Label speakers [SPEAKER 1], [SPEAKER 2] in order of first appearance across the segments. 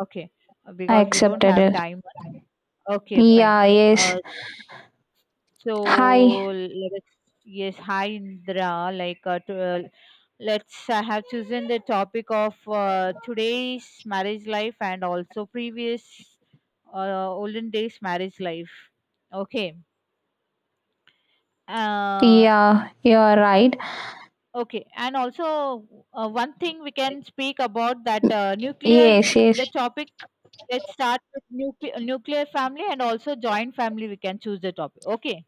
[SPEAKER 1] Okay,
[SPEAKER 2] I
[SPEAKER 1] because we don't
[SPEAKER 2] accepted
[SPEAKER 1] have
[SPEAKER 2] it.
[SPEAKER 1] time. Okay, fine.
[SPEAKER 2] Yeah, yes.
[SPEAKER 1] Uh, so
[SPEAKER 2] Hi.
[SPEAKER 1] let us, yes, hi Indra. Like, to, let's. I have chosen the topic of today's marriage life and also previous olden days marriage life. Okay. Uh,
[SPEAKER 2] Yeah, you are right.
[SPEAKER 1] Okay, and also one thing we can speak about that nuclear,
[SPEAKER 2] Yes, yes.
[SPEAKER 1] the topic, let's start with nuclear family and also joint family, we can choose the topic. Okay,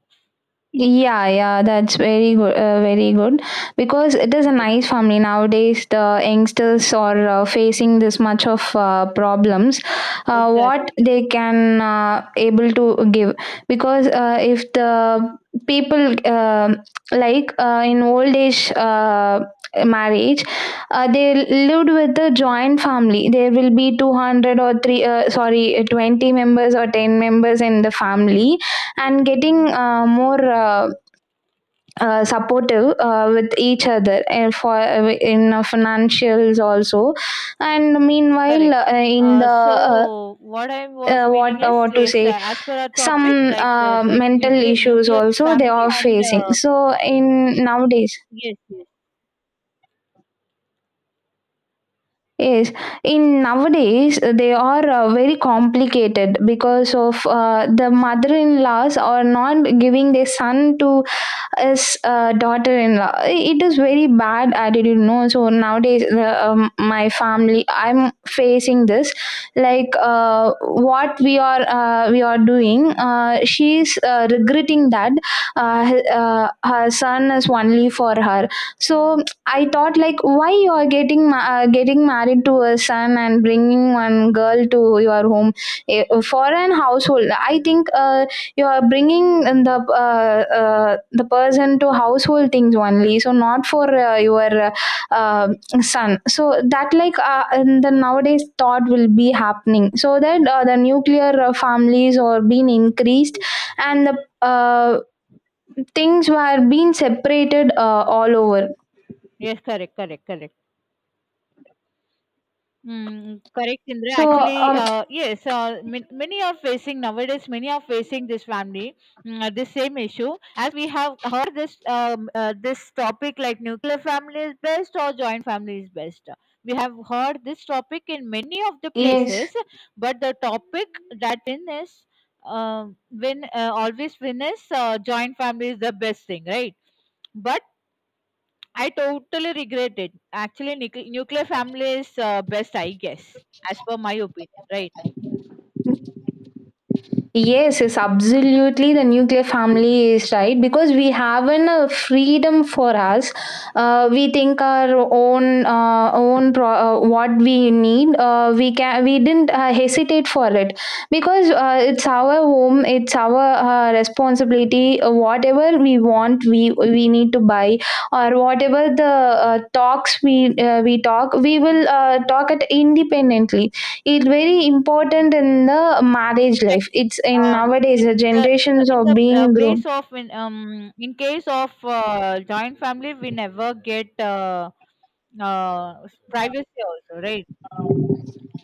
[SPEAKER 2] Yeah, yeah, that's very good, very good. Because it is a
[SPEAKER 1] yes,
[SPEAKER 2] nice family nowadays. The youngsters are facing this much of problems. What
[SPEAKER 1] exactly,
[SPEAKER 2] they can able to give because if the people like in old age marriage, they lived with the joint family. There will be 200 or 3, sorry, 20 members or 10 members in the family and getting more supportive with each other and for in financials also, and meanwhile
[SPEAKER 1] correct.
[SPEAKER 2] in the uh,
[SPEAKER 1] So what I was meaning is,
[SPEAKER 2] what to
[SPEAKER 1] yes,
[SPEAKER 2] say,
[SPEAKER 1] as per our
[SPEAKER 2] some
[SPEAKER 1] topic, like the like
[SPEAKER 2] mental
[SPEAKER 1] nuclear
[SPEAKER 2] issues
[SPEAKER 1] nuclear
[SPEAKER 2] also they
[SPEAKER 1] family
[SPEAKER 2] are
[SPEAKER 1] and
[SPEAKER 2] facing, so in nowadays.
[SPEAKER 1] yes, yes,
[SPEAKER 2] Yes, in nowadays they are very complicated because of the mother-in-laws are not giving their son to his daughter-in-law. It is very bad attitude, no. So nowadays, my family, I'm facing this. Like what we are doing, she's regretting that her son is only for her. So I thought, like, why you are getting getting married to a son and bringing one girl to your home. For an household. I think you are bringing the person to household things only, so not for your uh, son. So that, like, in the nowadays thought will be happening, so that the nuclear families are being increased and the things were being separated all over,
[SPEAKER 1] yes, correct, correct, correct. Mm, correct, Indra.
[SPEAKER 2] so
[SPEAKER 1] Actually,
[SPEAKER 2] um,
[SPEAKER 1] yes, many are facing nowadays. Many are facing this family, this same issue. As we have heard this this topic, like nuclear family is best or joint family is best. We have heard this topic in many of the places,
[SPEAKER 2] yes.
[SPEAKER 1] but the topic that win is win always win is joint family is the best thing, right? But I totally regret it. Actually, nuclear family is best, I guess, as per my opinion, right?
[SPEAKER 2] Yes, yes, absolutely. The nuclear family is right because we haven't a freedom for us. We think our own, own what we need. We can, we didn't hesitate for it because it's our home, it's our responsibility. Whatever we want, we need to buy, or whatever the talks we talk, we will talk it independently. It's very important in the marriage life.
[SPEAKER 1] Exactly.
[SPEAKER 2] It's in
[SPEAKER 1] Yes,
[SPEAKER 2] nowadays the generations
[SPEAKER 1] in
[SPEAKER 2] are
[SPEAKER 1] the
[SPEAKER 2] being
[SPEAKER 1] place
[SPEAKER 2] grown.
[SPEAKER 1] of in case of joint family, we never get privacy also, right?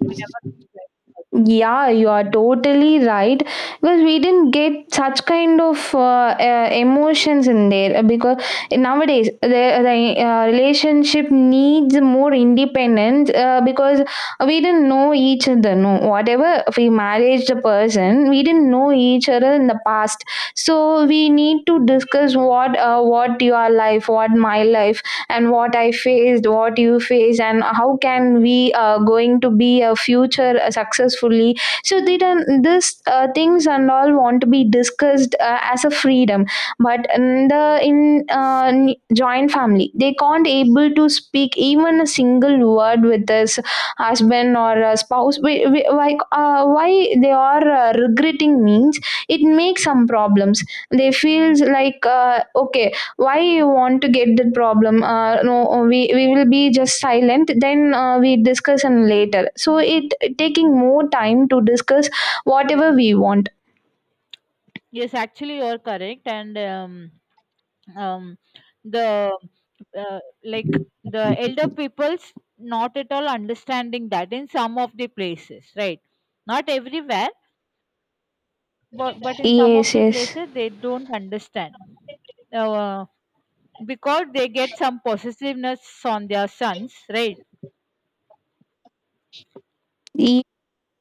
[SPEAKER 1] We never get privacy.
[SPEAKER 2] Yeah, you are totally right because we didn't get such kind of emotions in there because nowadays the relationship needs more independence because we didn't know each other. No, whatever we married the person, we didn't know each other in the past. So we need to discuss what your life, what my life, and what I faced, what you face, and how can we going to be a future successfully. So they don't this things and all want to be discussed as a freedom. But in the in n- joint family they can't able to speak even a single word with this husband or a spouse. Why they are regretting means it makes some problems. They feels like, okay, why you want to get that problem? No, we will be just silent, then we discuss and later, so it taking more time to discuss whatever we want.
[SPEAKER 1] Yes, actually, you're correct. And um, the like the elder people's not at all understanding that in some of the places, right? Not everywhere, but in some of
[SPEAKER 2] Yes,
[SPEAKER 1] the
[SPEAKER 2] yes.
[SPEAKER 1] places they don't understand uh, because they get some possessiveness on their sons, right?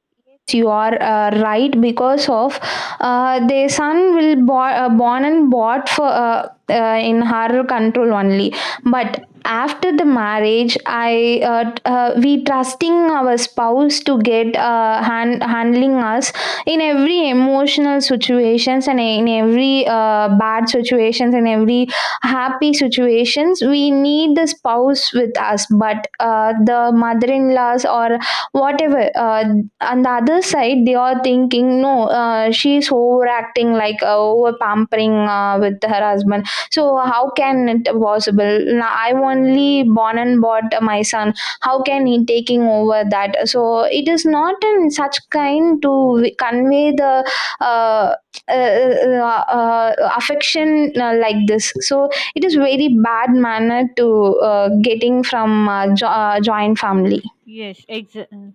[SPEAKER 2] Yes, you are right because of the son will born and bought for in her control only. But after the marriage, we trusting our spouse to get hand, handling us in every emotional situations, and in every bad situations, and every happy situations we need the spouse with us. But the mother-in-laws, or whatever, on the other side, they are thinking, no, she's overacting, like over pampering with her husband, so how can it possible? Now, I only born and bought my son, how can he taking over that? So it is not in such kind to convey the uh, uh, uh, affection like this. So it is very bad manner to getting from joint family.
[SPEAKER 1] Yes, exa-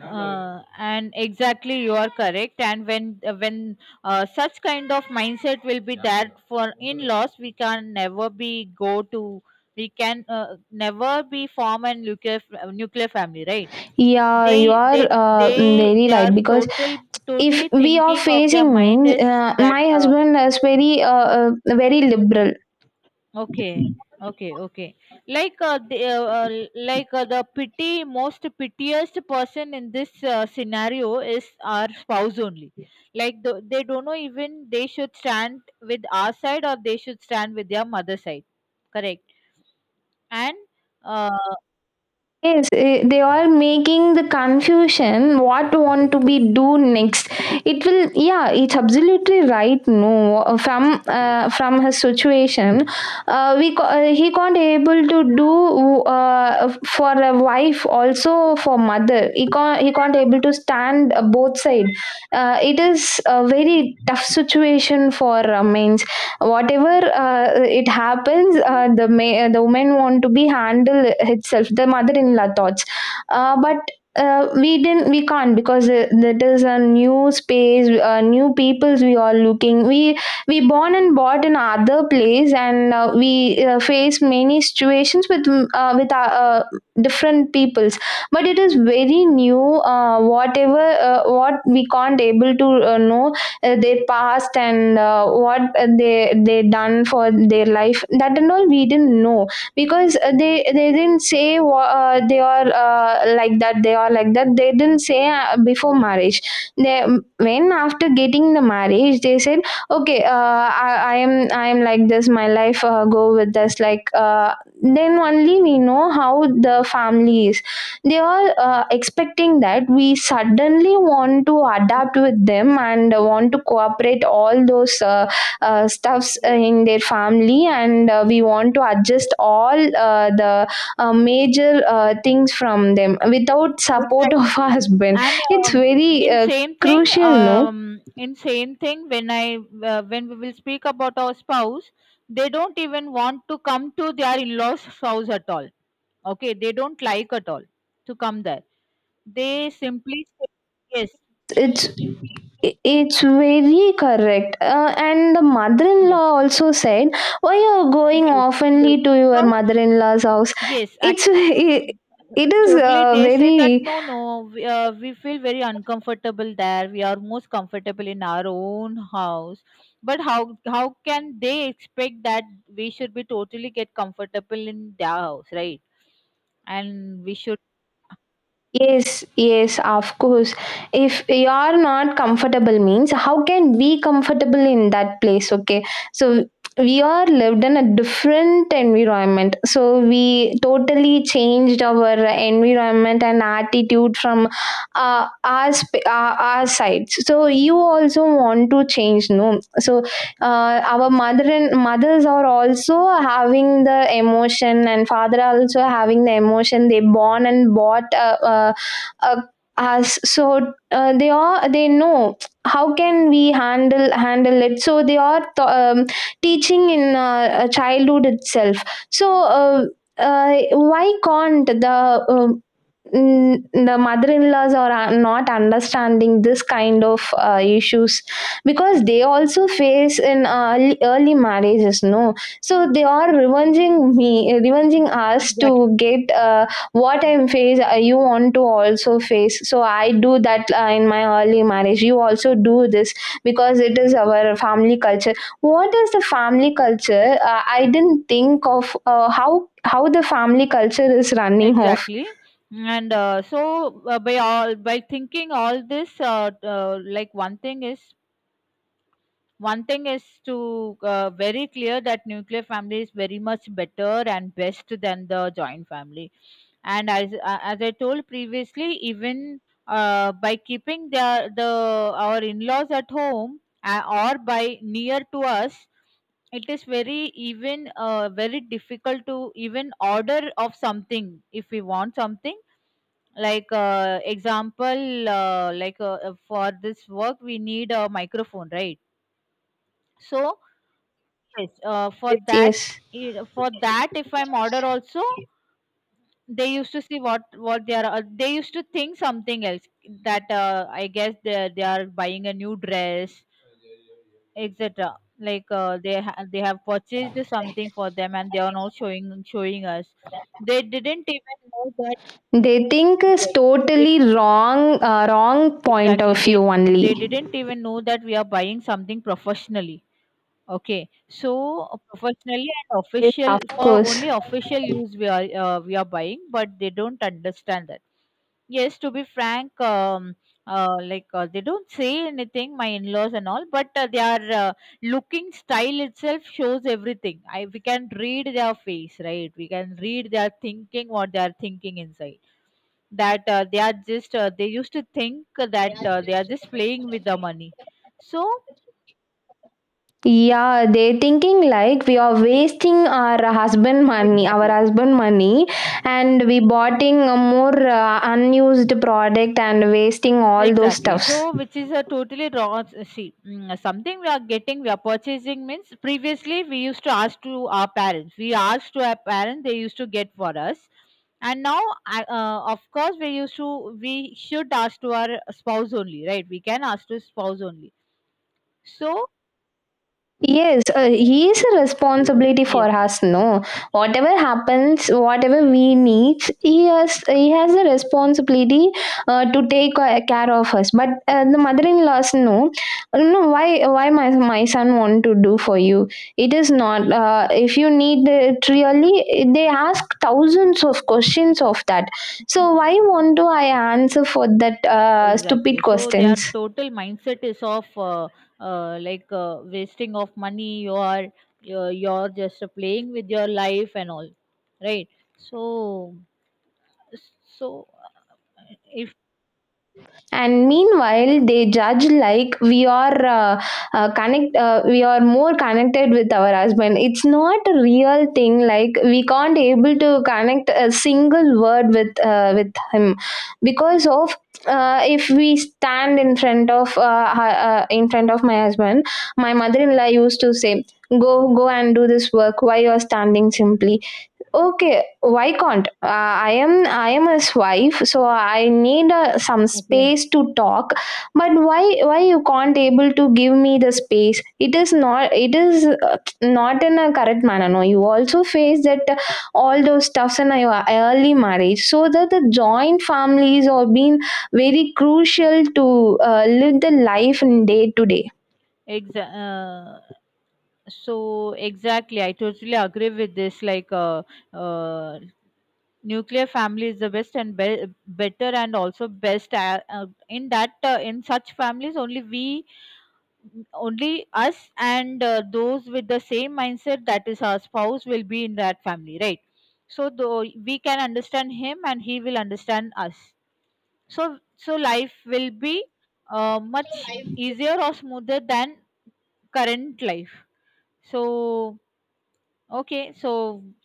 [SPEAKER 1] uh, and exactly you are correct. And when such kind of mindset will be there for in laws, we can never be go to we can never be form a nuclear nuclear family, right?
[SPEAKER 2] Yeah, you
[SPEAKER 1] They
[SPEAKER 2] are
[SPEAKER 1] they they
[SPEAKER 2] very
[SPEAKER 1] they are
[SPEAKER 2] right because if
[SPEAKER 1] totally
[SPEAKER 2] we are
[SPEAKER 1] thinking of their
[SPEAKER 2] facing
[SPEAKER 1] mind
[SPEAKER 2] means
[SPEAKER 1] is that
[SPEAKER 2] my husband is very very liberal.
[SPEAKER 1] Okay, okay, okay. Like uh, the uh, uh, the pity most pitiest person in this scenario is our spouse only. They don't know even they should stand with our side or they should stand with their mother side. Correct. And uh,
[SPEAKER 2] Yes, they are making the confusion what want to be do next. It will, yeah, it's absolutely right. No, from his situation, he can't able to do for a wife, also for mother. He can't able to stand both side. It is a very tough situation for men, whatever it happens. The women want to be handled itself the mother-in-law thoughts, but we didn't, we can't because that is a new space, new peoples we are looking. We born and bought in other place, and we face many situations with with our, different peoples. But it is very new, whatever what we can't able to know their past, and what they done for their life, that and all we didn't know. Because they didn't say, they are like that, they are like that, they didn't say before marriage. They when after getting the marriage they said, okay, I am like this, my life go with this, like, then only we know how the family is. They are expecting that we suddenly want to adapt with them and want to cooperate all those stuffs
[SPEAKER 1] yes,
[SPEAKER 2] in their family, and we want to adjust all the major things from them without support of
[SPEAKER 1] exactly.
[SPEAKER 2] husband.
[SPEAKER 1] And
[SPEAKER 2] It's
[SPEAKER 1] um,
[SPEAKER 2] very crucial, no.
[SPEAKER 1] in same thing, when we will speak about our spouse, they don't even want to come to their in-laws' house at all. Okay, they don't like at all to come there. They simply say, yes,
[SPEAKER 2] It's it's very correct. And the mother in
[SPEAKER 1] yes,
[SPEAKER 2] law also said, why you're going
[SPEAKER 1] yes, yes,
[SPEAKER 2] oftenly to your
[SPEAKER 1] because
[SPEAKER 2] mother in law's house?
[SPEAKER 1] yes,
[SPEAKER 2] It's it, it is
[SPEAKER 1] Totally, they say that
[SPEAKER 2] very.
[SPEAKER 1] no, no, we feel very uncomfortable there. We are most comfortable in our own house. But how can they expect that we should be totally get comfortable in their house, right? And we should
[SPEAKER 2] Yes, yes, of course. If you are not comfortable means how can we comfortable in that place? Okay. So we are lived in a different environment. So we totally changed our environment and attitude from our side. So you also want to change, no? So our mother and mothers are also having the emotion, and father also having the emotion. They born and bought uh, us, so they know how can we handle it. So teaching in childhood itself. So uh, why can't the uh, the mother-in-laws are not understanding this kind of issues? Because they also face in early, early marriages, no. So they are revenging us
[SPEAKER 1] exactly
[SPEAKER 2] to get what I face, you want to also face. So I do that in my early marriage, you also do this, because it is our family culture. What is the family culture I didn't think of, how the family culture is running off.
[SPEAKER 1] exactly. And by all by thinking all this, like one thing is to very clear that nuclear family is very much better and best than the joint family and as I told previously even by keeping their the our in-laws at home or by near to us it is very even very difficult to even order of something if we want something like example like for this work we need a microphone right so yes for
[SPEAKER 2] Yes,
[SPEAKER 1] that
[SPEAKER 2] yes.
[SPEAKER 1] for that if I'm order also they used to see what they are they used to think something else that I guess they are buying a new dress etc they they have purchased something for them and they are now showing us they didn't even know that
[SPEAKER 2] They think is
[SPEAKER 1] yes, it,
[SPEAKER 2] totally wrong, wrong point
[SPEAKER 1] exactly
[SPEAKER 2] of view
[SPEAKER 1] they
[SPEAKER 2] only.
[SPEAKER 1] didn't even know that we are buying something professionally okay so professionally and
[SPEAKER 2] Yes,
[SPEAKER 1] official
[SPEAKER 2] of
[SPEAKER 1] for
[SPEAKER 2] course.
[SPEAKER 1] only official use we are buying but they don't understand that Yes, to be frank, like they don't say anything, my in-laws and all, but their looking style itself shows everything. I we can read their face, right? We can read their thinking, what they are thinking inside. That They are just they used to think that they are just playing with the money. So
[SPEAKER 2] Yeah, they thinking like we are wasting our
[SPEAKER 1] exactly
[SPEAKER 2] husband money, and we boughting a more unused product, and wasting all those
[SPEAKER 1] Exactly.
[SPEAKER 2] stuffs.
[SPEAKER 1] So, which is a totally wrong. See, mm, something we are getting, we are purchasing means previously we used to ask to our parents. We asked to our parents, they used to get for us. And now, of course, we used to, we should ask to our spouse only, right? We can ask to spouse only. So,
[SPEAKER 2] Yes, he is a responsibility for
[SPEAKER 1] yes,
[SPEAKER 2] us. No, whatever happens, whatever we need, he has a responsibility to take care of us. But the mother-in-laws, no, no. Why my son want to do for you? It is not. If you need it really, they ask thousands of questions of that. So why want to I answer for that
[SPEAKER 1] exactly.
[SPEAKER 2] stupid
[SPEAKER 1] So, their
[SPEAKER 2] questions?
[SPEAKER 1] total mindset is of wasting of money, you're just playing with your life and all, right? So, So, if
[SPEAKER 2] And meanwhile they judge like we are connect we are more connected with our husband. It's not a real thing, like we can't able to connect a single word with him, because of if we stand in front of in front of my husband, my mother-in-law used to say, go, go and do this work, why you are standing simply. Okay, why can't? I am his wife, so I need some
[SPEAKER 1] Okay.
[SPEAKER 2] space to talk. But why you can't able to give me the space? It is not, it is not in a correct manner. No, you also face that all those stuffs in your early marriage, so that the joint families are being very crucial to live the life in day to day.
[SPEAKER 1] Exa- uh, so exactly, I totally agree with this. Uh, Nuclear family is the best and better, and also best in that in such families only we, only us, and those with the same mindset that is our spouse will be in that family, right? So though we can understand him, and he will understand us. So, so life will be much easier or smoother than current life. So, okay, so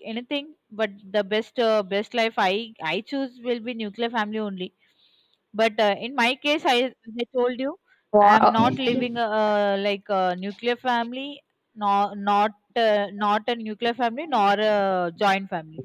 [SPEAKER 1] anything, but the best best life I choose will be nuclear family only. But in my case, I as I told you, I am
[SPEAKER 2] Wow.
[SPEAKER 1] not living a, like a nuclear family, nor not a nuclear family, nor a joint family.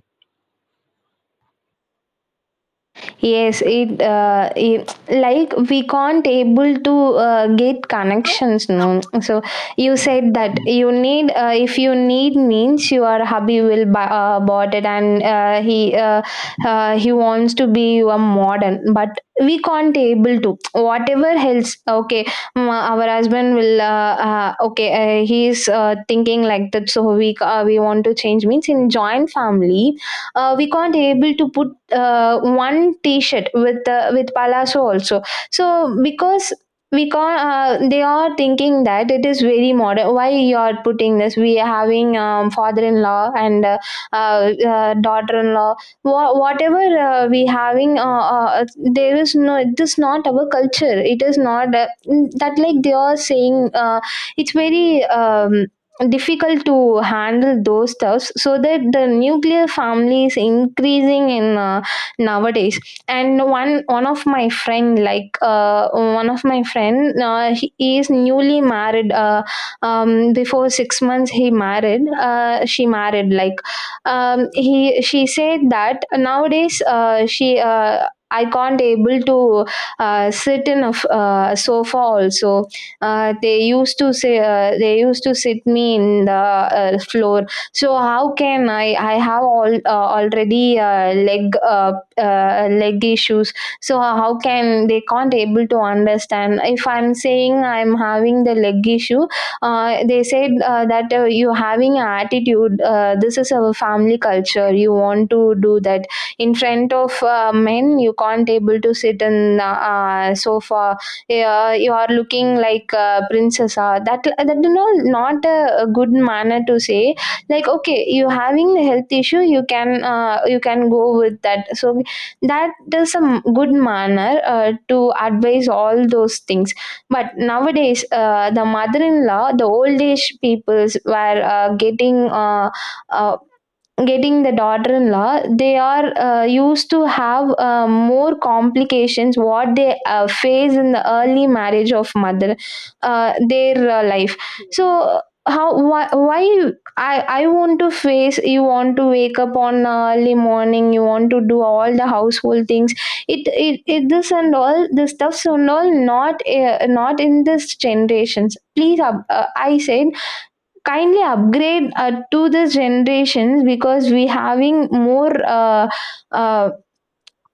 [SPEAKER 2] Yes, it like we can't able to
[SPEAKER 1] Yes.
[SPEAKER 2] get
[SPEAKER 1] So,
[SPEAKER 2] connections, no.
[SPEAKER 1] somehow I
[SPEAKER 2] So
[SPEAKER 1] used to
[SPEAKER 2] you
[SPEAKER 1] say
[SPEAKER 2] said that you need, if you need means your hubby will buy, bought it, and he wants to be a modern, but we can't able to whatever else. Okay, mm, our husband will okay, he is thinking like that, so we want to change means in joint family. Uh, we can't able to put one t-shirt with palazzo also. So because we call, they are thinking that it is very modern, why you are putting this. We are having, father-in-law and daughter-in-law. Whatever we having, uh, there is no, it is not our culture, it is not, that like they are saying, it's very, difficult to handle those stuffs, so that the nuclear family is increasing in, nowadays. And one of my friend, like one of my friend, he is newly married, before 6 months he married, she married like, he she said that nowadays, she I can't able to sit in a sofa also. They used to say, they used to sit me in the, floor. So how can I? I have all already, leg issues. So how can they can't able to understand if I'm saying I'm having the leg issue. They said, that, you having an attitude, this is our family culture, you want to do that. In front of, men you can't able to sit in sofa. You are looking like a princess, that, you know, not a, a good manner to say. Like, okay, you having the health issue, you can, you can go with that. So that is a good manner, to advise all those things. But nowadays, the mother-in-law, the old age peoples were, uh, getting the daughter-in-law. They are, used to have, more complications what they, face in the
[SPEAKER 1] that,
[SPEAKER 2] early marriage of mother, their, life.
[SPEAKER 1] uh,
[SPEAKER 2] So how, why I want to face, you want to wake up on early morning, you want to do all the household things. It this and all the stuffs and all, not, not in this generations, please, I said kindly upgrade, to this generations because we having more, uh,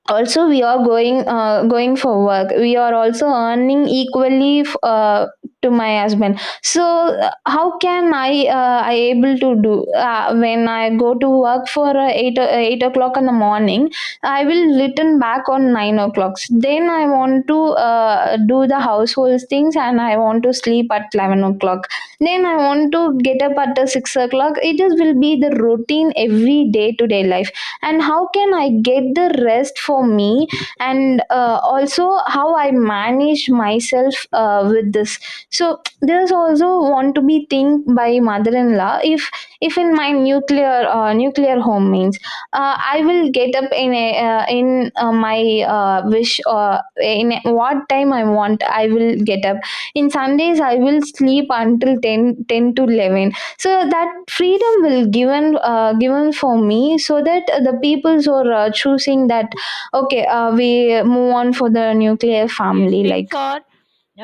[SPEAKER 2] also, we are going, going for work. We are also earning equally, to my husband. So, how can I, I able to do, when I go to work for, 8 o'clock in the morning? I will return back on 9 o'clock. Then I want to, do the household things, and I want to sleep at 11 o'clock. Then I want to get up at, 6 o'clock. It is will be the routine every day to day life. And how can I get the rest for me? And, also, how I manage myself, with this. So there's also want to be think by mother-in-law. If in my nuclear home means, I will get up in a, in my, wish, in what time I want I will get up. In sundays I will sleep until ten, 10 to 11. So that freedom will given, given for me, so that the peoples are, choosing that, okay, we move on for the nuclear
[SPEAKER 1] yes
[SPEAKER 2] family
[SPEAKER 1] things
[SPEAKER 2] like.
[SPEAKER 1] are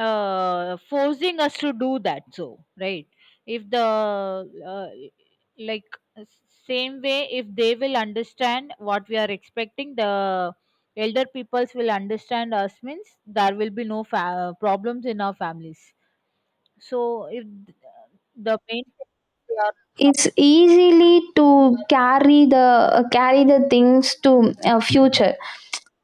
[SPEAKER 1] forcing us to do that so right if the uh, like s- same way if they will understand what we are expecting the elder peoples will understand us means there will be no problems in our families so if th- the main they are-
[SPEAKER 2] It's easily to carry the, carry the things to, future.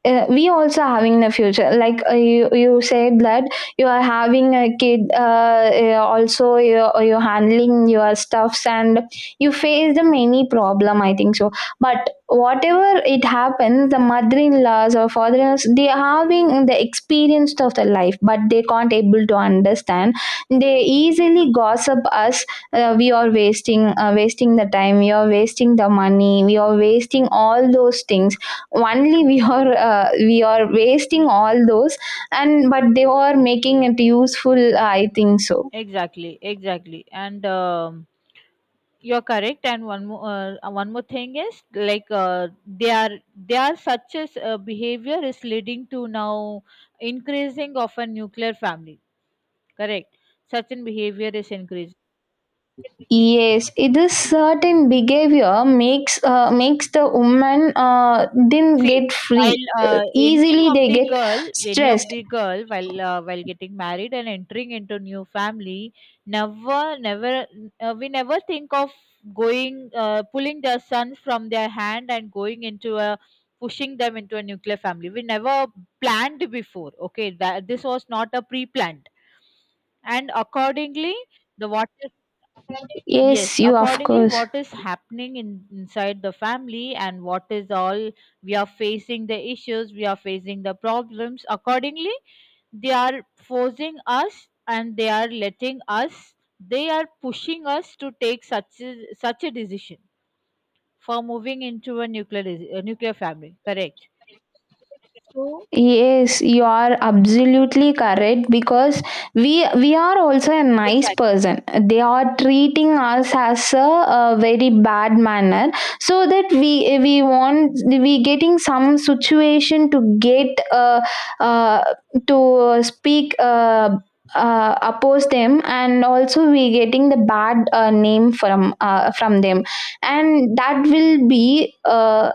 [SPEAKER 2] We also having the future, like, you said that you are having a kid, also you handling your stuffs, and you face the many problem, I think so. But whatever it happens, the mother-in-laws or father in laws, they are having the experience of the life, but they can't able to understand. They easily gossip us. We are wasting, wasting the time, we are wasting the money, we are wasting all those things. Only we are, we are wasting all those. And but they are making it useful, I think so.
[SPEAKER 1] exactly exactly and You're correct, and one more thing is they are such as behavior is leading to now increasing of a nuclear family. Correct, such an behavior is increasing.
[SPEAKER 2] Yes, it is certain behavior makes, makes the woman, didn't
[SPEAKER 1] See,
[SPEAKER 2] get free.
[SPEAKER 1] while
[SPEAKER 2] Easily they get
[SPEAKER 1] any of
[SPEAKER 2] stressed.
[SPEAKER 1] the girl, while getting married and entering into new family, never, never, we never think of going, pulling their sons from their hand and going into a, pushing them into a nuclear family. We never planned before. Okay, that this was not a pre-planned, and accordingly, the what Yes,
[SPEAKER 2] Yes, you of
[SPEAKER 1] accordingly,
[SPEAKER 2] course.
[SPEAKER 1] what is happening inside the family and what is all we are facing the issues, we are facing the problems. Accordingly, they are forcing us and they are letting us, they are pushing us to take such a, such a decision for moving into a nuclear family. Correct. So,
[SPEAKER 2] Yes, you are absolutely correct, because we are also a nice
[SPEAKER 1] Exactly.
[SPEAKER 2] person. They are treating us as a very bad manner, so that we want, we getting some situation to get, uh to speak, oppose them, and also we getting the bad, name from, from them, and that will be